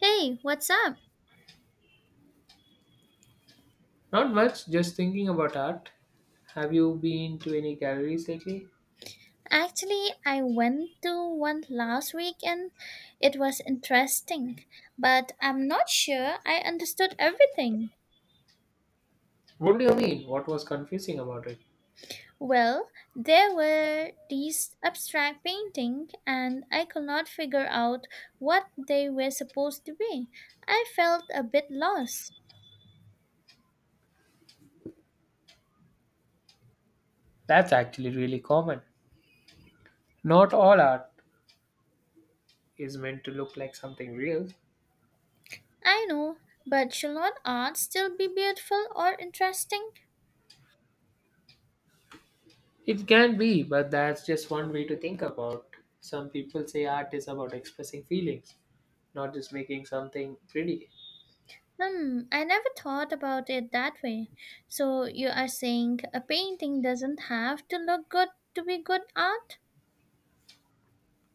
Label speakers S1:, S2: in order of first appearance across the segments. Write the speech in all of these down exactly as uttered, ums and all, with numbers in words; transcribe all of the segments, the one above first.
S1: Hey, what's up?
S2: Not much, just thinking about art. Have you been to any galleries lately?
S1: Actually, I went to one last week and it was interesting, but I'm not sure I understood everything.
S2: What do you mean? What was confusing about it?
S1: Well, there were these abstract painting and I could not figure out what they were supposed to be. I felt a bit lost.
S2: That's actually really common. Not all art is meant to look like something real.
S1: I know, but should not art still be beautiful or interesting?
S2: It can be, but that's just one way to think about. Some people say art is about expressing feelings, not just making something pretty.
S1: Hmm, I never thought about it that way. So you are saying a painting doesn't have to look good to be good art?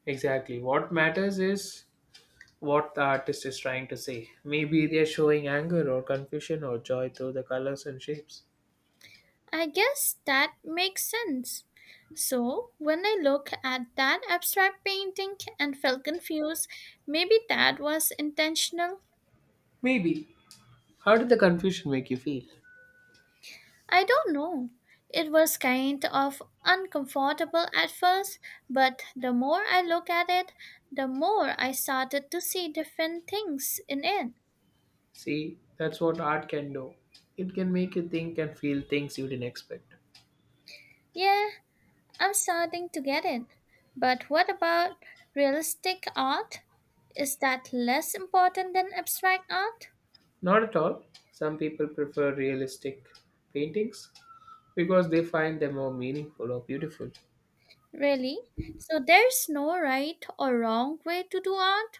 S2: Exactly. What matters is what the artist is trying to say. Maybe they're showing anger or confusion or joy through the colors and shapes.
S1: I guess that makes sense. So when I look at that abstract painting and felt confused, maybe that was intentional.
S2: Maybe. How did the confusion make you feel?
S1: I don't know. It was kind of uncomfortable at first, but the more I look at it, the more I started to see different things in it.
S2: See, that's what art can do. It can make you think and feel things you didn't expect.
S1: Yeah, I'm starting to get it. But what about realistic art? Is that less important than abstract art?
S2: Not at all. Some people prefer realistic paintings because they find them more meaningful or beautiful.
S1: Really? So there's no right or wrong way to do art?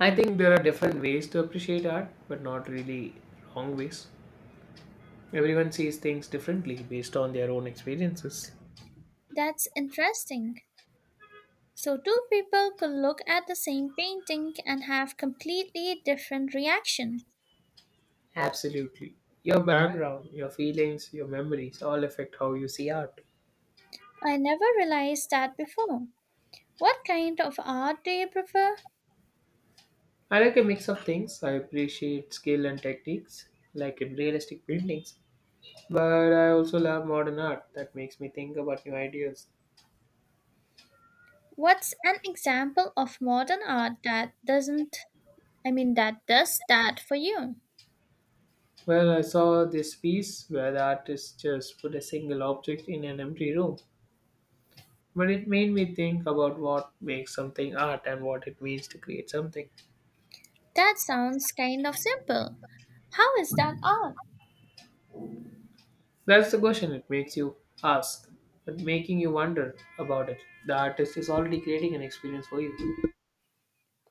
S2: I think there are different ways to appreciate art, but not really wrong ways. Everyone sees things differently based on their own experiences.
S1: That's interesting. So two people could look at the same painting and have completely different reaction.
S2: Absolutely. Your background, your feelings, your memories all affect how you see art.
S1: I never realized that before. What kind of art do you prefer?
S2: I like a mix of things. I appreciate skill and techniques, like in realistic paintings, but I also love modern art that makes me think about new ideas.
S1: What's an example of modern art that doesn't I mean, that does that for you.
S2: Well, I saw this piece where the artist just put a single object in an empty room, but it made me think about what makes something art and what it means to create something.
S1: That sounds kind of simple. How is that odd?
S2: That's the question it makes you ask, but making you wonder about it. The artist is already creating an experience for you.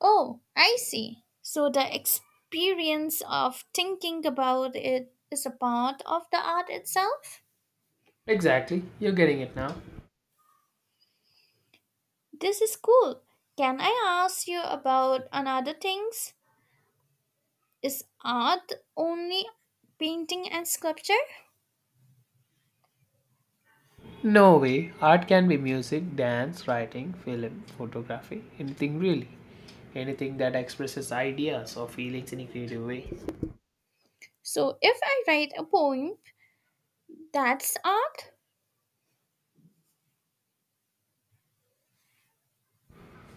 S1: Oh, I see. So the experience of thinking about it is a part of the art itself?
S2: Exactly, you're getting it now.
S1: This is cool. Can I ask you about another things? Is art only painting and sculpture?
S2: No way. Art can be music, dance, writing, film, photography, anything really. Anything that expresses ideas or feelings in a creative way.
S1: So if I write a poem, that's art?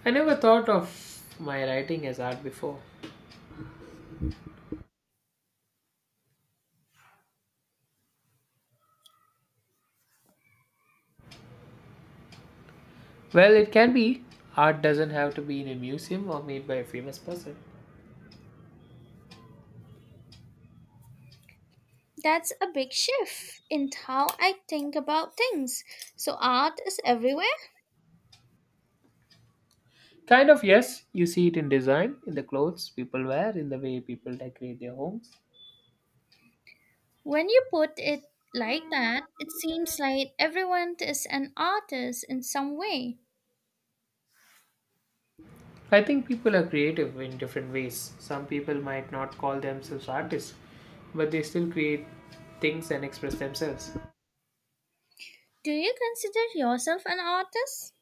S2: I never thought of my writing as art before. Well, it can be. Art doesn't have to be in a museum or made by a famous person.
S1: That's a big shift in how I think about things. So, art is everywhere?
S2: Kind of, yes. You see it in design, in the clothes people wear, in the way people decorate their homes.
S1: When you put it like that, it seems like everyone is an artist in some way.
S2: I think people are creative in different ways. Some people might not call themselves artists, but they still create things and express themselves.
S1: Do you consider yourself an artist?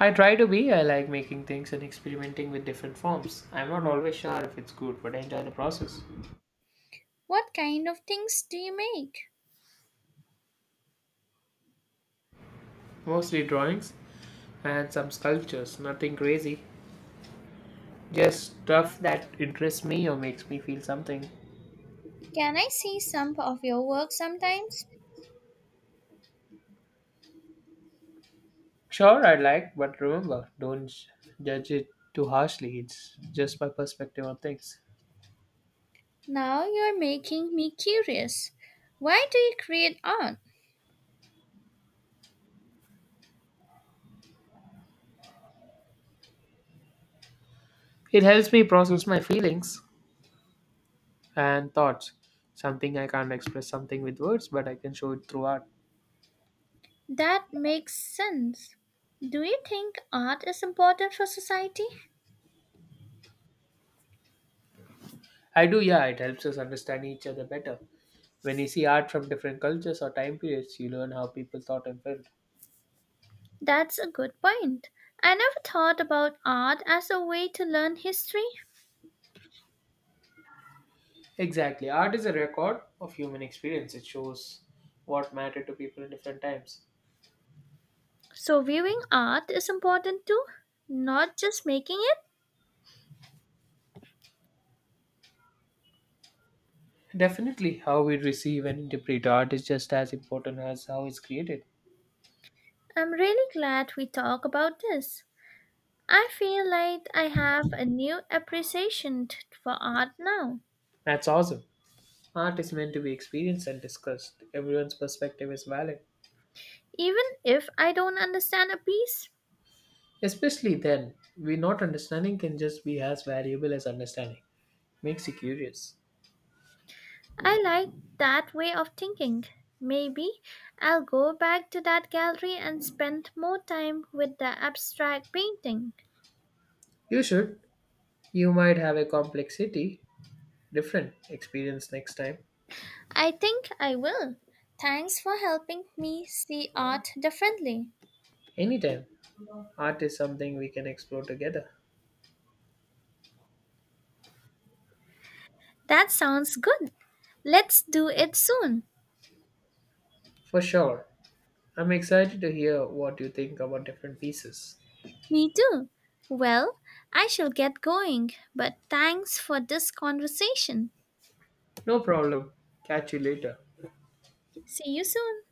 S2: I try to be, I like making things and experimenting with different forms. I'm not always sure if it's good, but I enjoy the process.
S1: What kind of things do you make?
S2: Mostly drawings and some sculptures, nothing crazy. Just stuff that interests me or makes me feel something.
S1: Can I see some of your work sometimes?
S2: Sure, I like, but remember, don't j- judge it too harshly. It's just my perspective on things.
S1: Now you're making me curious. Why do you create art?
S2: It helps me process my feelings and thoughts. Something I can't express something with words, but I can show it through art.
S1: That makes sense. Do you think art is important for society?
S2: I do, yeah, it helps us understand each other better. When you see art from different cultures or time periods, you learn how people thought and felt.
S1: That's a good point. I never thought about art as a way to learn history.
S2: Exactly. Art is a record of human experience. It shows what mattered to people in different times.
S1: So, viewing art is important too, not just making it.
S2: Definitely, how we receive and interpret art is just as important as how it's created.
S1: I'm really glad we talk about this. I feel like I have a new appreciation t- for art now.
S2: That's awesome. Art is meant to be experienced and discussed. Everyone's perspective is valid.
S1: Even if I don't understand a piece,
S2: Especially then, we not understanding can just be as valuable as understanding. Makes you curious.
S1: I like that way of thinking. Maybe I'll go back to that gallery and spend more time with the abstract painting.
S2: You should. You might have a complexity, different experience next time.
S1: I think I will. Thanks for helping me see art differently.
S2: Anytime. Art is something we can explore together.
S1: That sounds good. Let's do it soon.
S2: For sure. I'm excited to hear what you think about different pieces.
S1: Me too. Well, I shall get going, but thanks for this conversation.
S2: No problem. Catch you later.
S1: See you soon.